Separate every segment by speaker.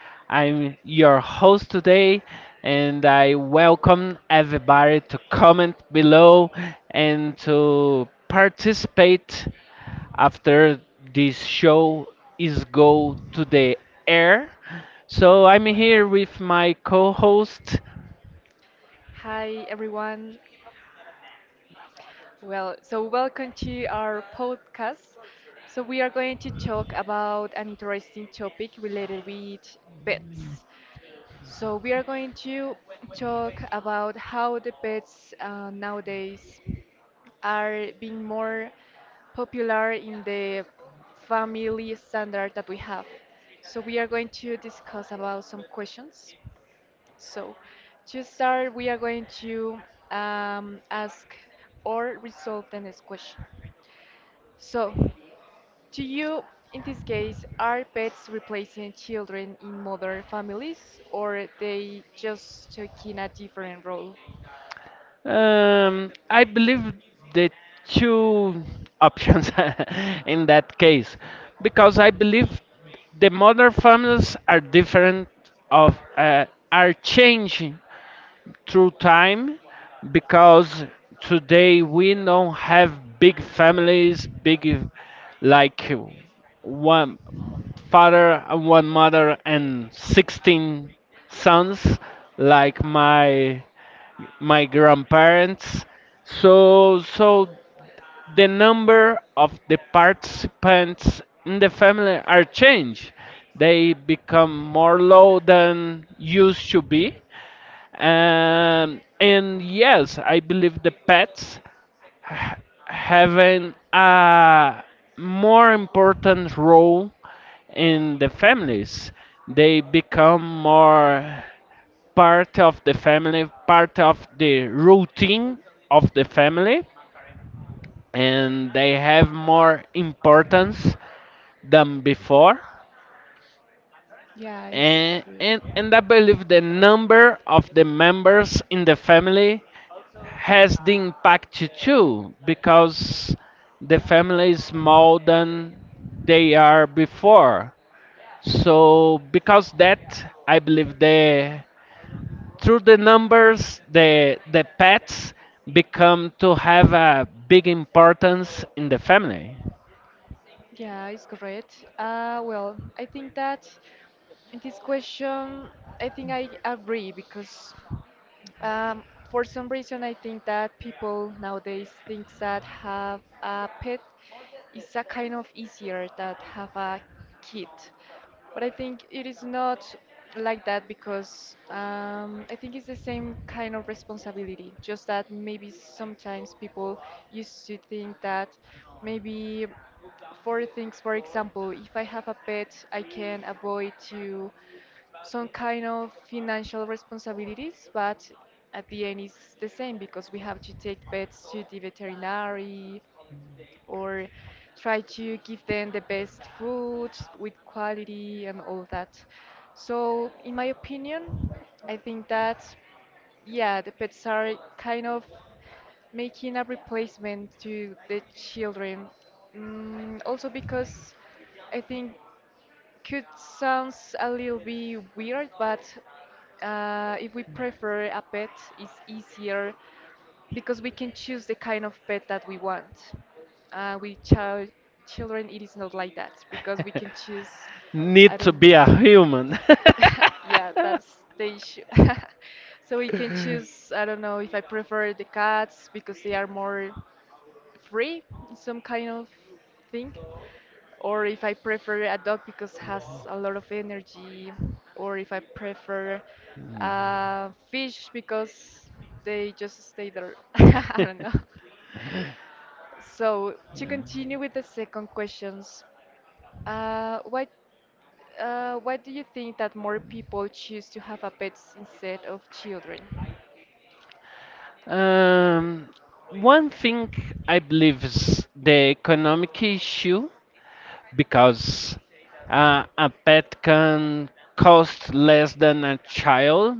Speaker 1: I'm your host today, and I welcome everybody to comment below and to participate after this show is go to the air. So I'm here with my co-host.
Speaker 2: Hi, everyone. So welcome to our podcast. So we are going to talk about an interesting topic related with pets. So we are going to talk about how the pets nowadays are being more popular in the family standard that we have. So we are going to discuss about some questions. So, to start, we are going to ask or resolve the next question. So, to you, in this case, are pets replacing children in modern families, or they just taking a different role?
Speaker 1: I believe the two options in that case, because I believe the modern families are different of, are changing through time, because today we don't have big families, big like one father and one mother and 16 sons like my grandparents. So the number of the participants in the family are changed. They become more low than used to be. And yes, I believe the pets having a more important role in the families. They become more part of the family, part of the routine of the family, and they have more importance than before.
Speaker 2: Yeah, it's
Speaker 1: And,
Speaker 2: true.
Speaker 1: and, and I believe the number of the members in the family has the impact too, because the family is more than they are before. So, because that, I believe the through the numbers the pets become to have a big importance in the family.
Speaker 2: Yeah, it's correct. Well, I think that in this question, I think I agree because um, for some reason, I think that people nowadays think that have a pet is a kind of easier than have a kid. But I think it is not like that because I think it's the same kind of responsibility. Just that maybe sometimes people used to think that maybe for things, for example, if I have a pet, I can avoid to some kind of financial responsibilities, but at the end it's the same because we have to take pets to the veterinary or try to give them the best food with quality and all that. So, in my opinion, I think that yeah, the pets are kind of making a replacement to the children. Also because I think could sounds a little bit weird, but if we prefer a pet, it's easier because we can choose the kind of pet that we want. With children, it is not like that because we can choose. I
Speaker 1: Need to
Speaker 2: don't.
Speaker 1: be a human.
Speaker 2: Yeah, that's the issue. So we can choose. I don't know if I prefer the cats because they are more free, some kind of thing, or if I prefer a dog because has a lot of energy, or if I prefer fish because they just stay there. I don't know. So to continue with the second questions, what why do you think that more people choose to have a pets instead of children?
Speaker 1: um, one thing I believe is the economic issue, because a pet can cost less than a child.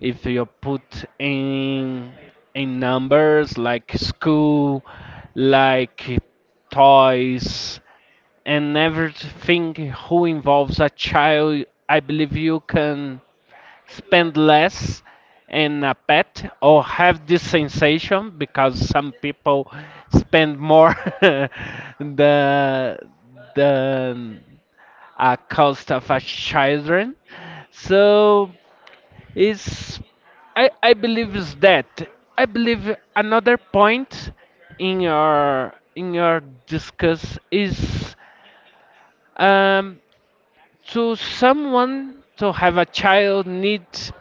Speaker 1: If you put in numbers like school, like toys and everything who involves a child, I believe you can spend less in a pet, or have this sensation because some people spend more the the cost of a children. So it's I believe is that. I believe another point in your discuss is um to someone to have a child needs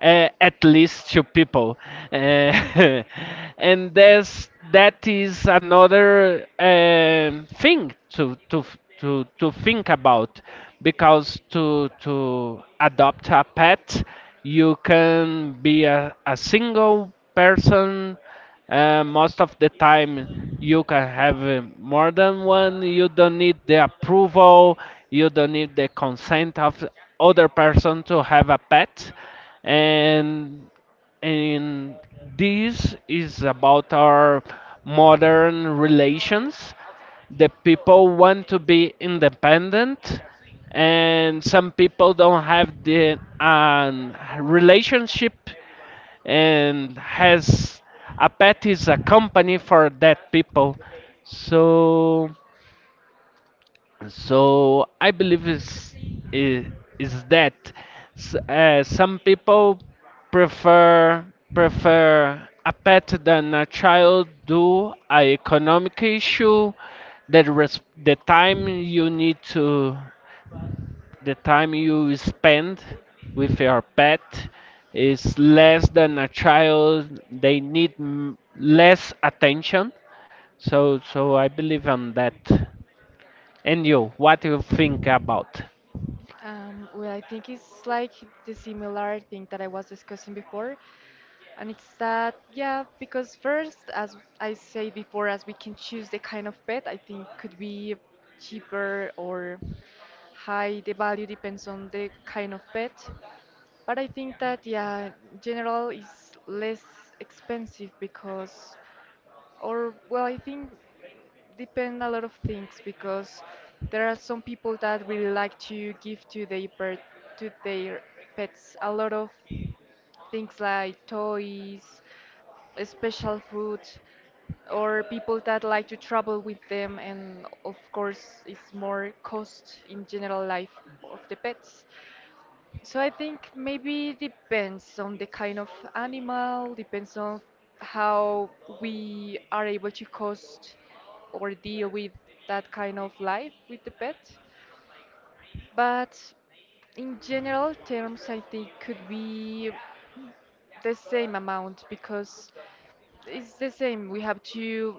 Speaker 1: at least two people, uh, and that is another thing to think about, because to adopt a pet you can be a single person, most of the time. You can have more than one. You don't need the approval. You don't need the consent of other person to have a pet, and and this is about our modern relations. The people want to be independent, and some people don't have the relationship, and has a pet is a company for that people. So so i believe is is, is that. Some people prefer prefer a pet than a child do a economic issue. The time you need to, the time you spend with your pet is less than a child. They need less attention. So I believe on that. And you, what do you think about?
Speaker 2: Well, I think it's like the similar thing that I was discussing before. And it's that, yeah, because first, as I said before, as we can choose the kind of pet, I think could be cheaper or high. The value depends on the kind of pet. But I think that, yeah, general is less expensive because, or, well, I think depend a lot of things because there are some people that really like to give to their pet, to their pets a lot of things like toys, special food, or people that like to travel with them, and of course, it's more cost in general life of the pets. So I think maybe depends on the kind of animal, depends on how we are able to cost or deal with that kind of life with the pet. But in general terms, I think could be the same amount because it's the same. We have to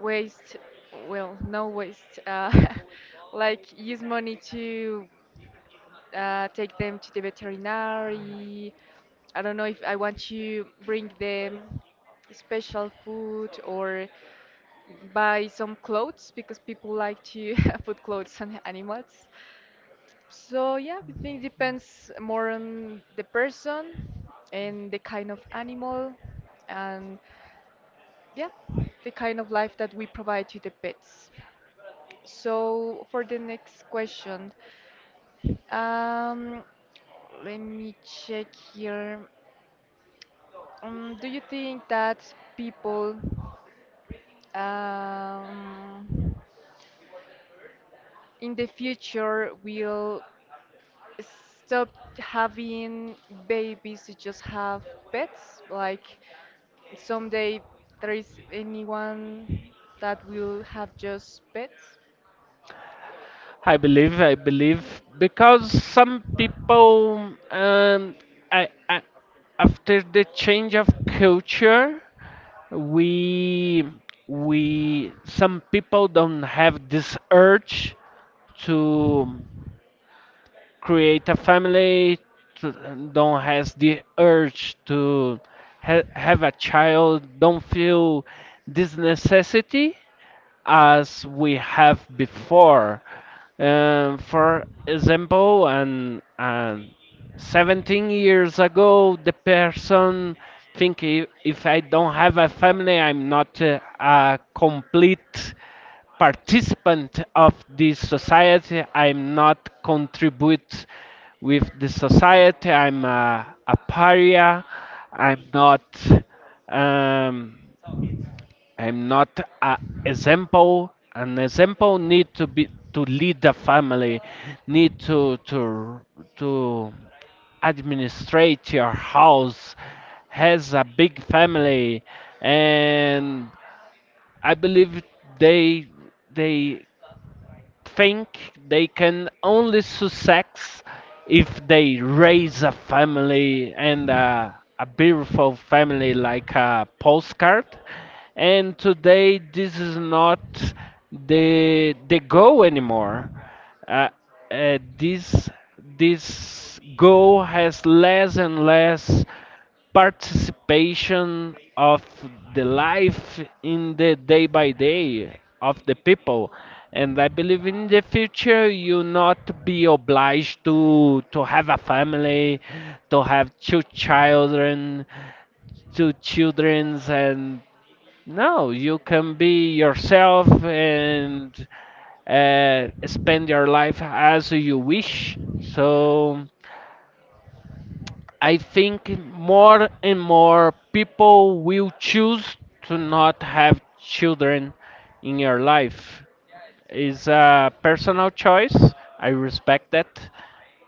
Speaker 2: waste, well, no waste, like use money to take them to the veterinary. I don't know if I want to bring them special food or buy some clothes because people like to put clothes on animals. So yeah, I think depends more on the person and the kind of animal and yeah, the kind of life that we provide to the pets. So for the next question, Um, let me check here. Do you think that people um, in the future will stop having babies to just have pets? Like someday there is anyone that will have just pets?
Speaker 1: I believe because some people I after the change of culture, we we some people don't have this urge to create a family, to, don't has the urge to have a child, don't feel this necessity as we have before. For example, and 17 years ago, the person think if I don't have a family, I'm not a complete participant of this society. I'm not contribute with the society. I'm a pariah. I'm not. Um, I'm not a example. An example need to be to lead the family, need to administrate your house, has a big family, and I believe they they think they can only success if they raise a family, and a beautiful family like a postcard. And today, this is not the goal anymore. Uh, this this goal has less and less participation of the life in the day by day of the people. And I believe in the future you not be obliged to have a family, to have two children, two childrens, and no, you can be yourself, and spend your life as you wish. So I think more and more people will choose to not have children in your life. It's a personal choice. I respect that.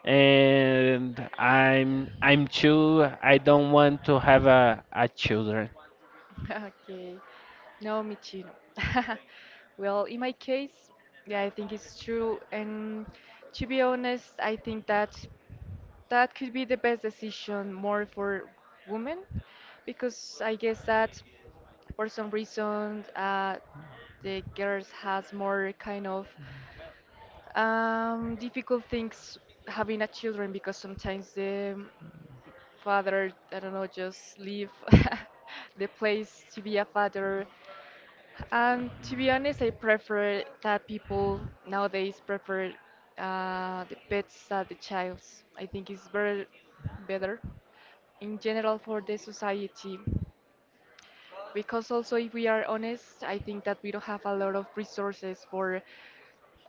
Speaker 1: And I'm too, I don't want to have a children.
Speaker 2: Okay. No, me too. No. Well, in my case, yeah, I think it's true. And to be honest, I think that that could be the best decision more for women, because I guess that for some reason, the girls has more kind of difficult things having a children because sometimes the father, I don't know, just leave the place to be a father, and to be honest, I prefer that people nowadays prefer the pets than the childs. I think it's very better in general for the society. Because also, if we are honest, I think that we don't have a lot of resources for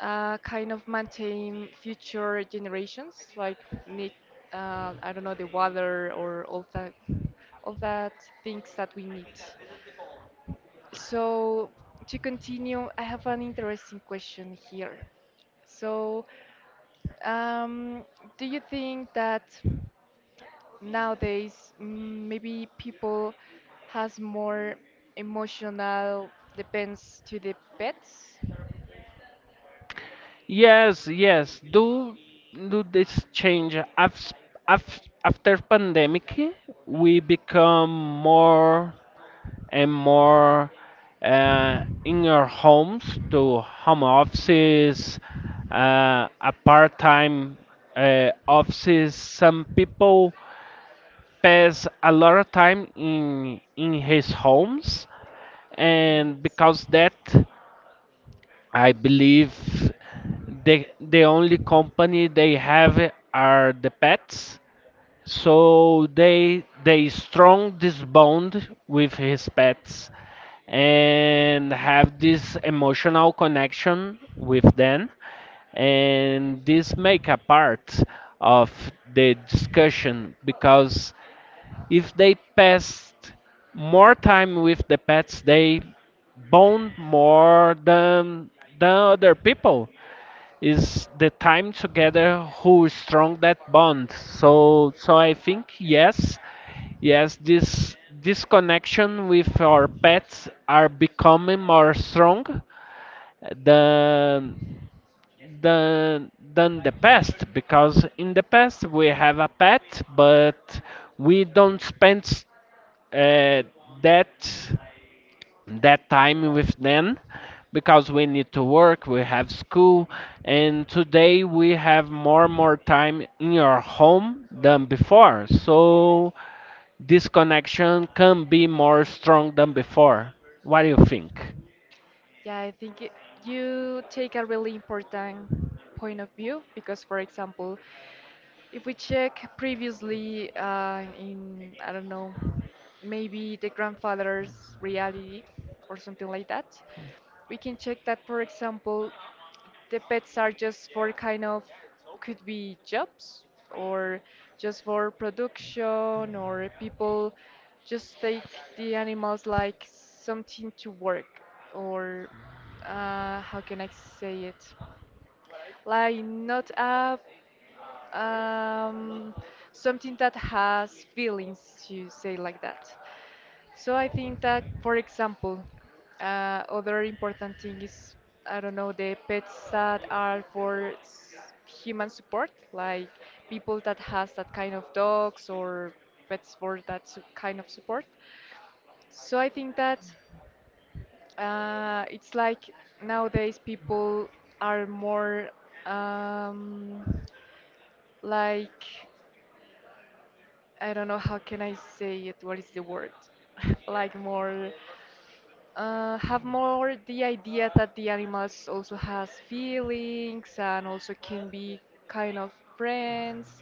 Speaker 2: kind of maintain future generations, like need, I don't know, the water or all that things that we need. So, to continue, I have an interesting question here. So, um, do you think that nowadays maybe people has more emotional depends to the pets?
Speaker 1: Yes, yes. Do this change after after pandemic? We become more and more in our homes, do home offices, a part-time offices. Some people pass a lot of time in his
Speaker 2: Yes.
Speaker 1: homes, and because that, I believe the only company they have are the pets. So they strong this bond with his pets, and have this emotional connection with them, and this make a part of the discussion, because if they passed more time with the pets, they bond more than than other people. Is the time together who strong that bond. So I think yes, yes, this connection with our pets are becoming more strong than than the past, because in the past we have a pet, but we don't spend uh, that that time with them, because we need to work, we have school, and today we have more and more time in your home than before. So this connection can be more strong than before. What do you think?
Speaker 2: Yeah, I think it, you take a really important point of view because, for example, if we check previously in, I don't know, maybe the grandfather's reality or something like that, we can check that, for example, the pets are just for kind of could be jobs or just for production, or people just take the animals like something to work or how can I say it? Like not a um, something that has feelings, you say like that. So I think that, for example, other important thing is I don't know the pets that are for human support, like people that has that kind of dogs or pets for that kind of support. So I think that it's like nowadays people are more um, like I don't know how can I say it. What is the word? Like more have more the idea that the animals also has feelings and also can be kind of friends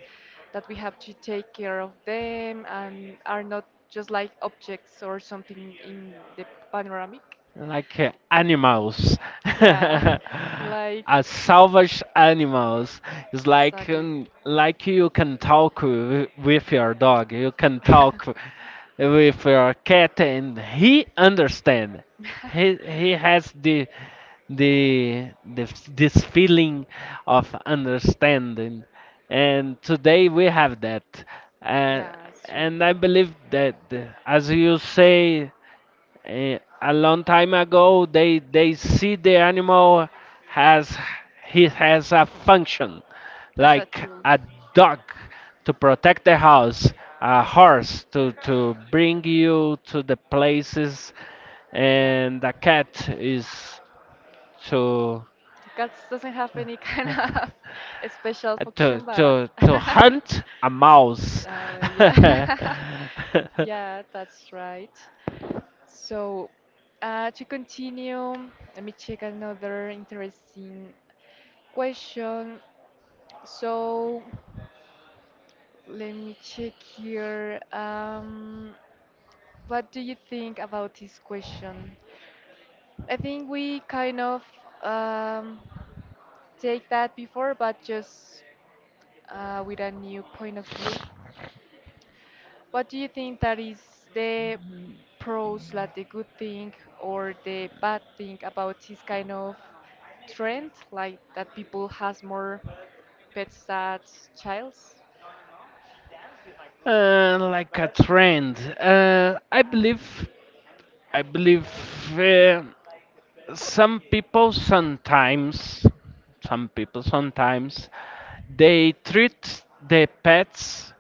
Speaker 2: that we have to take care of them and are not just like objects or something in the panoramic.
Speaker 1: Like animals,
Speaker 2: Yeah, like
Speaker 1: as salvage animals. It's
Speaker 2: exactly.
Speaker 1: like you can talk with your dog, you can talk with your cat and he understand. he he has this feeling of understanding, and today we have that. uh,
Speaker 2: Yeah, it's true.
Speaker 1: and I believe that as you say, a long time ago they see the animal has, he has a function,
Speaker 2: As a
Speaker 1: like
Speaker 2: tool.
Speaker 1: a dog to protect the house, a horse to bring you to the places,
Speaker 2: Yeah.
Speaker 1: and a cat is to
Speaker 2: Cats doesn't have any kind of special function, but
Speaker 1: to hunt a mouse.
Speaker 2: ah, well, yeah, yeah, that's right. So, to continue, let me check another interesting question. So, let me check here. What do you think about this question? I think we kind of um, take that before, but just with a new point of view. What do you think that is the pros, like the good thing or the bad thing about this kind of trend, like that people has more pets as childs?
Speaker 1: Like a trend, I believe, uh, some people sometimes, some people sometimes, they treat the pets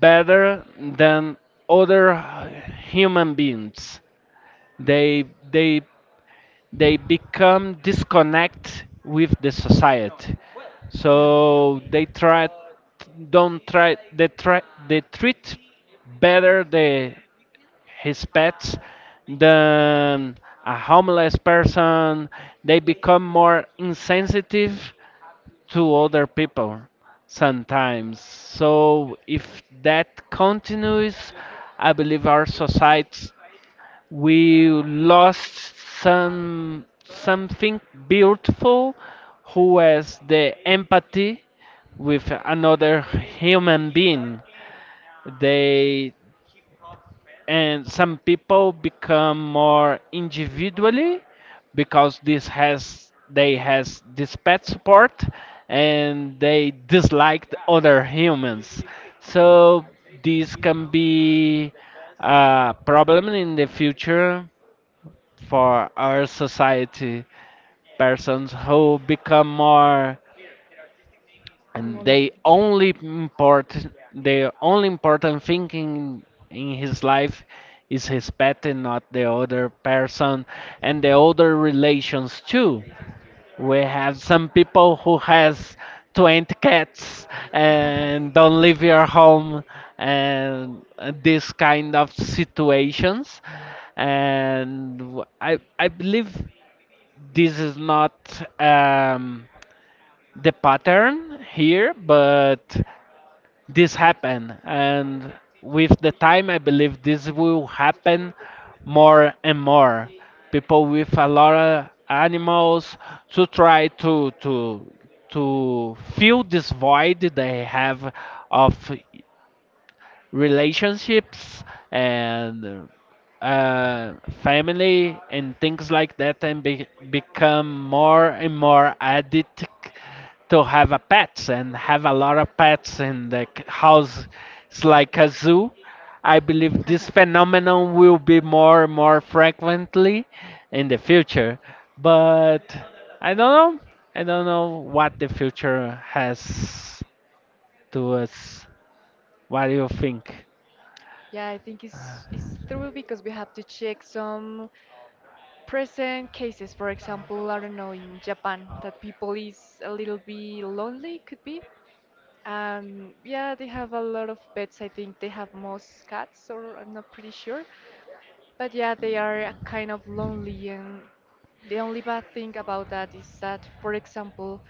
Speaker 1: better than other human beings. They they they become disconnect with the society,
Speaker 2: Yeah.
Speaker 1: so they try, don't try they try, they treat better the his pets than a homeless person. They become more insensitive to other people sometimes. So if that continues, I believe our society, we lost some something beautiful, who has the empathy with another human being. They and some people become more individually, because this has, they has this pet support, and they disliked other humans. So this can be a problem in the future for our society. Persons who become more, and they only import, the only important thing in his life is his pet, and not the other person, and the other relations too. We have some people who has 20 cats and don't leave your home, and this kind of situations. And I believe this is not um, the pattern here, but this happened. And with the time, I believe this will happen more and more. People with a lot of animals to try to fill this void they have of relationships, and uh, family and things like that, and become more and more addicted to have a pets and have a lot of pets in the house. It's like a zoo. I believe this phenomenon will be more and more frequently in the future. But i don't know I don't know what the future has to us. What do you think?
Speaker 2: Yeah, I think it's through because we have to check some present cases. For example, I don't know, in Japan, that people is a little bit lonely, could be. Yeah, they have a lot of pets. I think they have most cats, or I'm not pretty sure. But yeah, they are a kind of lonely, and the only bad thing about that is that, for example,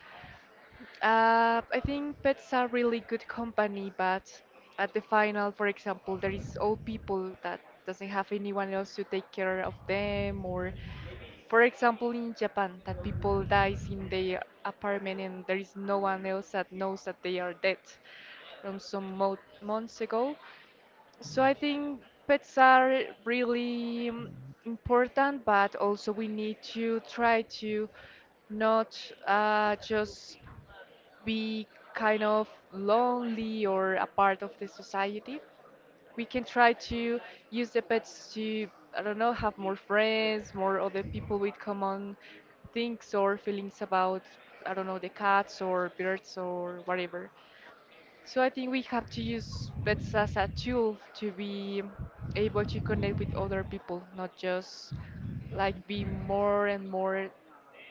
Speaker 2: I think pets are really good company, but at the final, for example, there is old people that doesn't have anyone else to take care of them, or for example, in Japan, that people dies in their apartment and there is no one else that knows that they are dead from some mo months ago. So I think pets are really important, but also we need to try to not just be kind of lonely or a part of the society, we can try to use the pets to, I don't know, have more friends, more other people with common things or feelings about, I don't know, the cats or birds or whatever. So I think we have to use pets as a tool to be able to connect with other people, not just like be more and more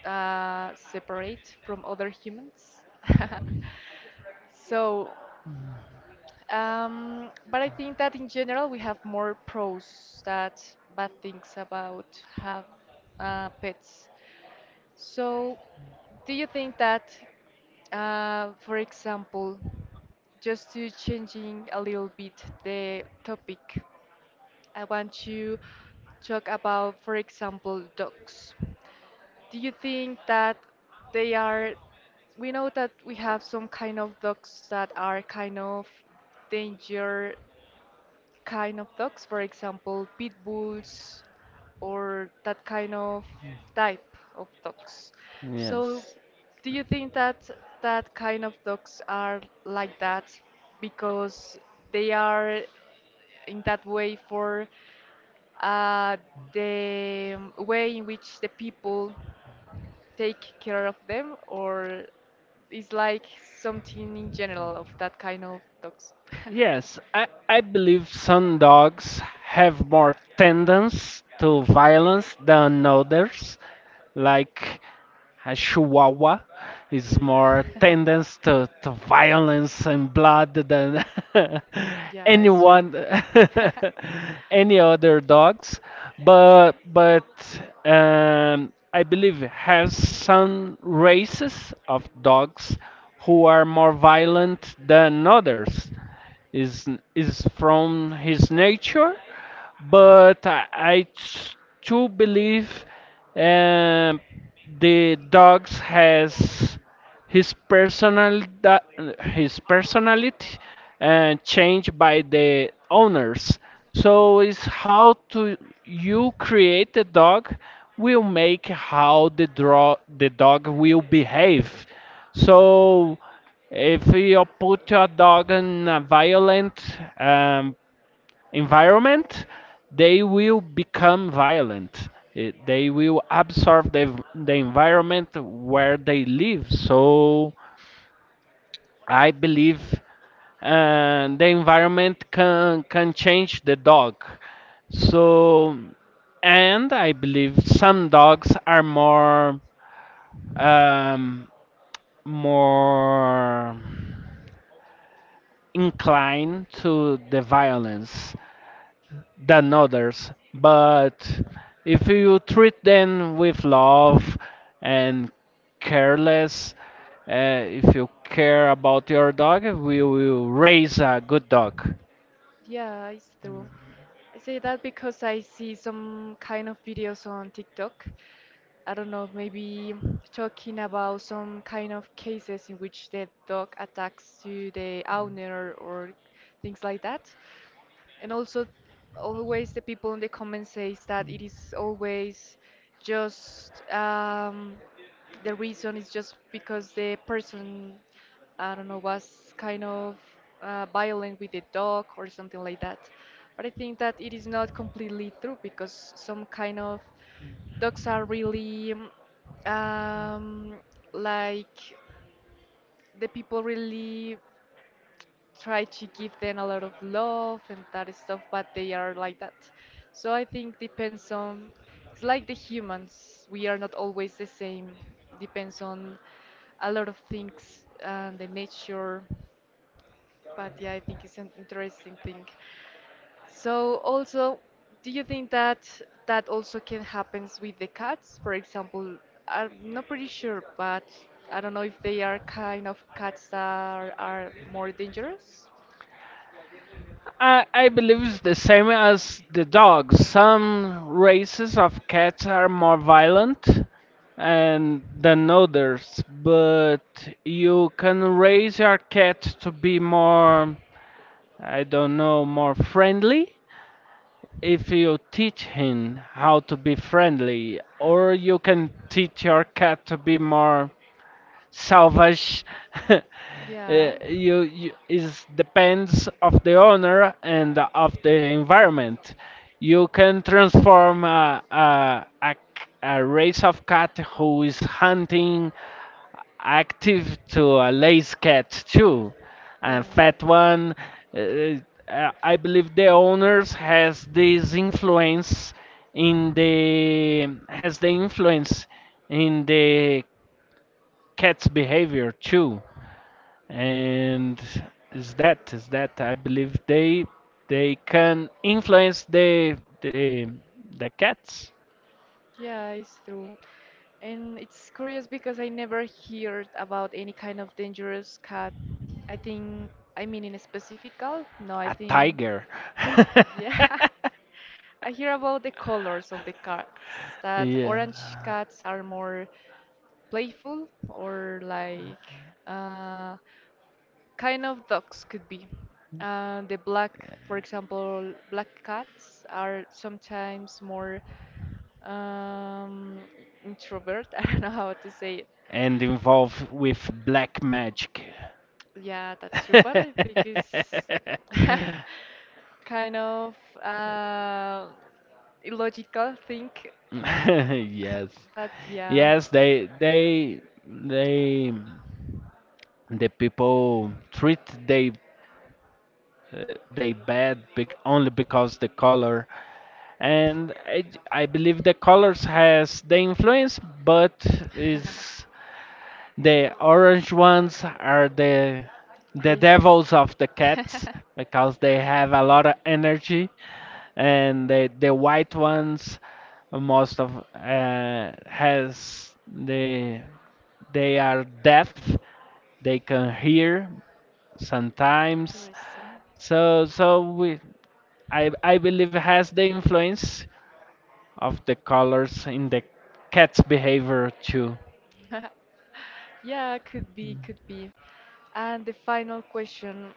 Speaker 2: separate from other humans. So, but I think that in general we have more pros that bad things about have pets. So, do you think that, for example, just to changing a little bit the topic, I want to talk about, for example, dogs. Do you think that they are? We know that we have some kind of dogs that are kind of danger kind of dogs, for example, pit bulls or that kind of type of dogs. So,
Speaker 1: Yes.
Speaker 2: do you think that that kind of dogs are like that because they are in that way for uh, the way in which the people take care of them, or is like something in general of that kind of dogs?
Speaker 1: Yes, I believe some dogs have more tendency to violence than others. Like a Chihuahua is more tendency to violence and blood than
Speaker 2: Yeah, it's true.
Speaker 1: anyone, any other dogs. But I believe has some races of dogs who are more violent than others. is is from his nature, but I do believe, um, the dogs has his personal that his personality, and changed by the owners. So it's how to
Speaker 2: Who?
Speaker 1: you create the dog will make how the dog will behave. So, if you put your dog in a violent um, environment, they will become violent. They will absorb the environment where they live. So I believe the environment can change the dog. So, and I believe some dogs are more, um, more inclined to the violence than others, but if you treat them with love and careless, if you care about your dog, we will raise a good dog.
Speaker 2: Yeah, it's true. I say that because I see some kind of videos on TikTok. I don't know, maybe talking about some kind of cases in which the dog attacks to the owner or things like that. And also, always the people in the comments says that it is always just the reason is just because the person, I don't know, was kind of violent with the dog or something like that. But I think that it is not completely true because some kind of dogs are really um, like the people really try to give them a lot of love and that stuff, but they are like that. So I think depends on it's like the humans. We are not always the same. Depends on a lot of things and the nature. But yeah, I think it's an interesting thing. So also, do you think that that also can happens with the cats? For example, I'm not pretty sure, but I don't know if they are kind of cats that are more dangerous.
Speaker 1: I believe it's the same as the dogs. Some races of cats are more violent and than others, but you can raise your cat to be more, I don't know, more friendly. If you teach him how to be friendly, or you can teach your cat to be more salvage, uh,
Speaker 2: Yeah,
Speaker 1: you is depends of the owner and of the environment. You can transform a race of cat who is hunting active to a lazy cat too, and
Speaker 2: yeah.
Speaker 1: fat one. Uh, I believe the owners has this influence in the in the cat's behavior too, and is that I believe they can influence the cats.
Speaker 2: Yeah, it's true. And it's curious because I never heard about any kind of dangerous cat. I think, I mean, in specifical? No, I
Speaker 1: A
Speaker 2: think,
Speaker 1: tiger
Speaker 2: yeah. I hear about the colors of the cats, that orange
Speaker 1: yeah,
Speaker 2: cats are more playful or like uh, kind of dogs could be. The black, for example, black cats are sometimes more um, introvert. I don't know how to say it.
Speaker 1: and involved with black magic.
Speaker 2: Yeah, that's true, but I think it's kind of uh, illogical thing.
Speaker 1: Yes,
Speaker 2: But yeah.
Speaker 1: yes they they they the people treat their they bad only because the color. And I believe the colors has the influence, but is the orange ones are the the
Speaker 2: Craziest.
Speaker 1: devils of the cats, because they have a lot of energy. And the white ones, most of has the, they are deaf, they can hear sometimes.
Speaker 2: Interesting.
Speaker 1: So so we I believe has the influence of the colors in the cat's behavior too.
Speaker 2: Yeah, could be, could be. And the final question,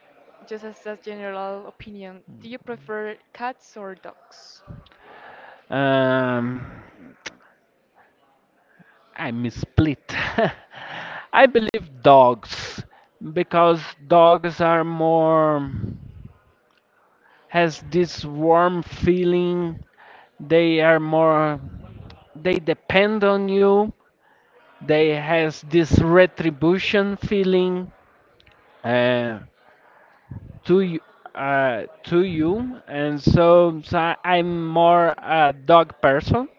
Speaker 2: just as a general opinion, do you prefer cats or dogs?
Speaker 1: Um, I'm split. I believe dogs, because dogs are more, has this warm feeling. They are more, they depend on you. They has this retribution feeling. Uh, to you, to you, and so, so I'm more a dog person,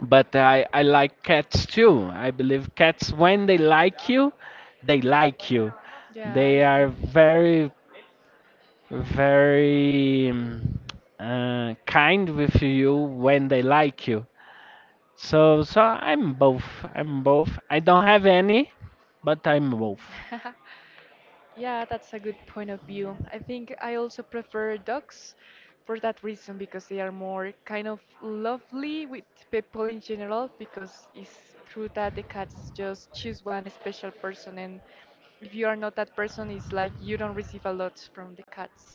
Speaker 1: but I like cats too. I believe cats, when they like you, they like you.
Speaker 2: Yeah,
Speaker 1: They
Speaker 2: it's
Speaker 1: are very, very kind with you when they like you. So, so I'm both. I'm both. I don't have any, but I'm both.
Speaker 2: true. Yeah, that's a good point of view. I think I also prefer dogs for that reason because they are more kind of lovely with people in general because it's true that the cats just choose one special person and if you are not that person it's like you don't receive a lot from the cats.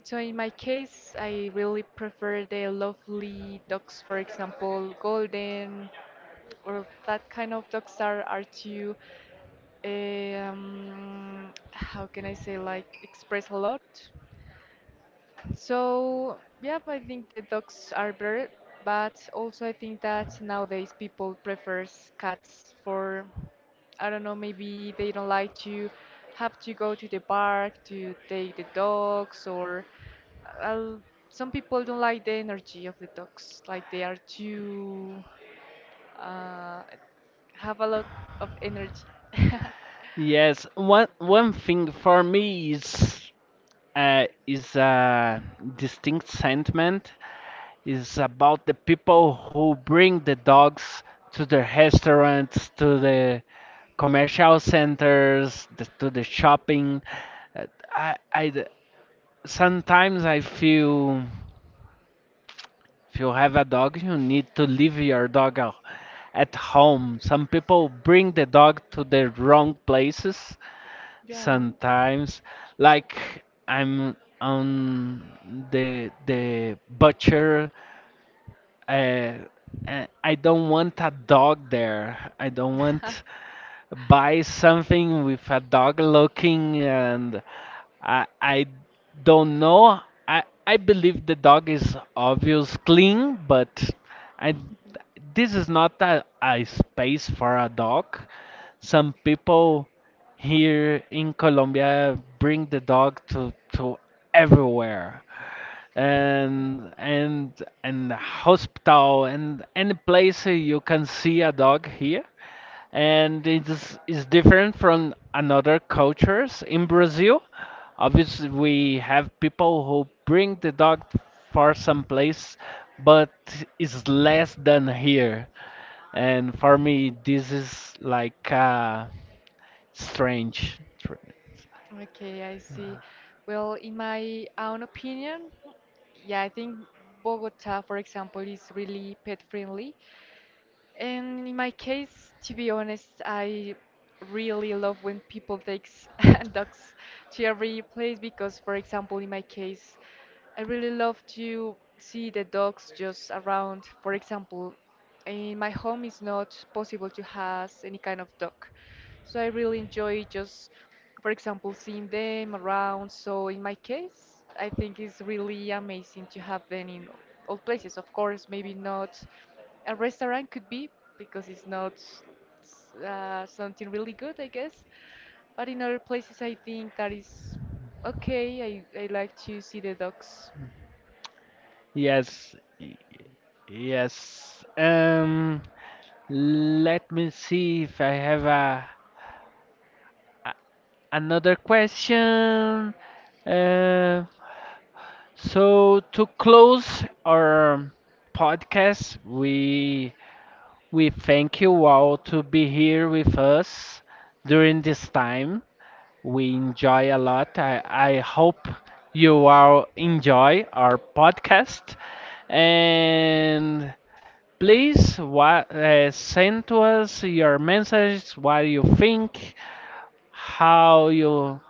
Speaker 2: So in my case, I really prefer the lovely dogs, for example, golden or that kind of dogs are too how can I say, like express a lot. So, yeah, I think that dogs are better, but also I think that nowadays people prefers cats for, I don't know, maybe they don't like to have to go to the park to take the dogs, or uh, some people don't like the energy of the dogs, like they are too uh, have a lot of energy.
Speaker 1: Yes, one thing for me is a distinct sentiment, is about the people who bring the dogs to the restaurants, to the commercial centers, to the shopping. Uh, I, I d- sometimes I feel if you have a dog, you need to leave your dog at home. Some people bring the dog to the wrong places
Speaker 2: Yeah.
Speaker 1: sometimes. Like I'm on the butcher, uh, I don't want a dog there. I don't want buy something with a dog looking, and I don't know. I believe the dog is obvious clean, but I, this is not a, a space for a dog. Some people here in Colombia bring the dog to everywhere, and hospital, and any place you can see a dog here. And it is different from another cultures. In Brazil, obviously we have people who bring the dog for some place, but it's less than here, and for me this is like strange.
Speaker 2: Okay, I see. Well, in my own opinion, yeah, I think Bogota, for example, is really pet friendly. And in my case, to be honest, I really love when people takes dogs to every place because, for example, in my case, I really love to see the dogs just around. For example, in my home, it's not possible to have any kind of dog, so I really enjoy just, for example, seeing them around. So in my case, I think it's really amazing to have them in all places. Of course, maybe not a restaurant could be because it's not something really good, I guess. But in other places, I think that is okay. I like to see the dogs.
Speaker 1: Yes, yes. Let me see if I have a another question. Uh, so to close our podcast, we thank you all to be here with us during this time. We enjoy a lot. I hope you all enjoy our podcast. And please send to us your messages, what you think, how you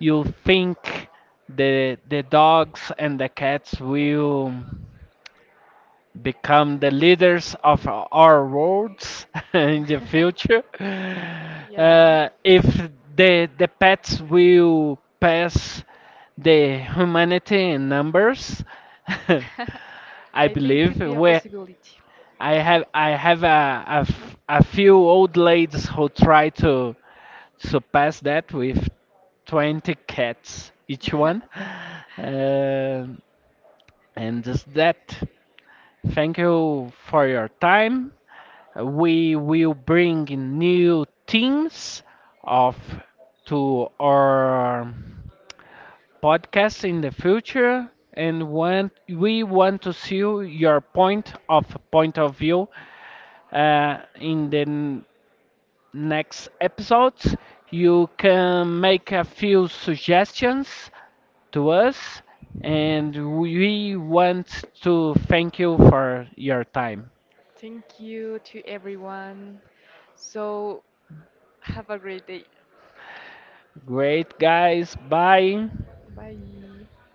Speaker 1: you think the dogs and the cats will become the leaders of our worlds in the future.
Speaker 2: Yeah,
Speaker 1: If the pets will pass the humanity in numbers, I
Speaker 2: I think
Speaker 1: believe
Speaker 2: could be a
Speaker 1: we,
Speaker 2: possibility.
Speaker 1: I have I have a, a few old ladies who try to surpass that with 20 cats each one. Um and just that. Thank you for your time. We will bring new themes of to our podcast in the future, and want, we want to see your point of view in the next episodes. You can make a few suggestions to us, and we want to thank you for your time.
Speaker 2: Thank you to everyone. So, have a great day.
Speaker 1: Great guys, bye.
Speaker 2: 拜。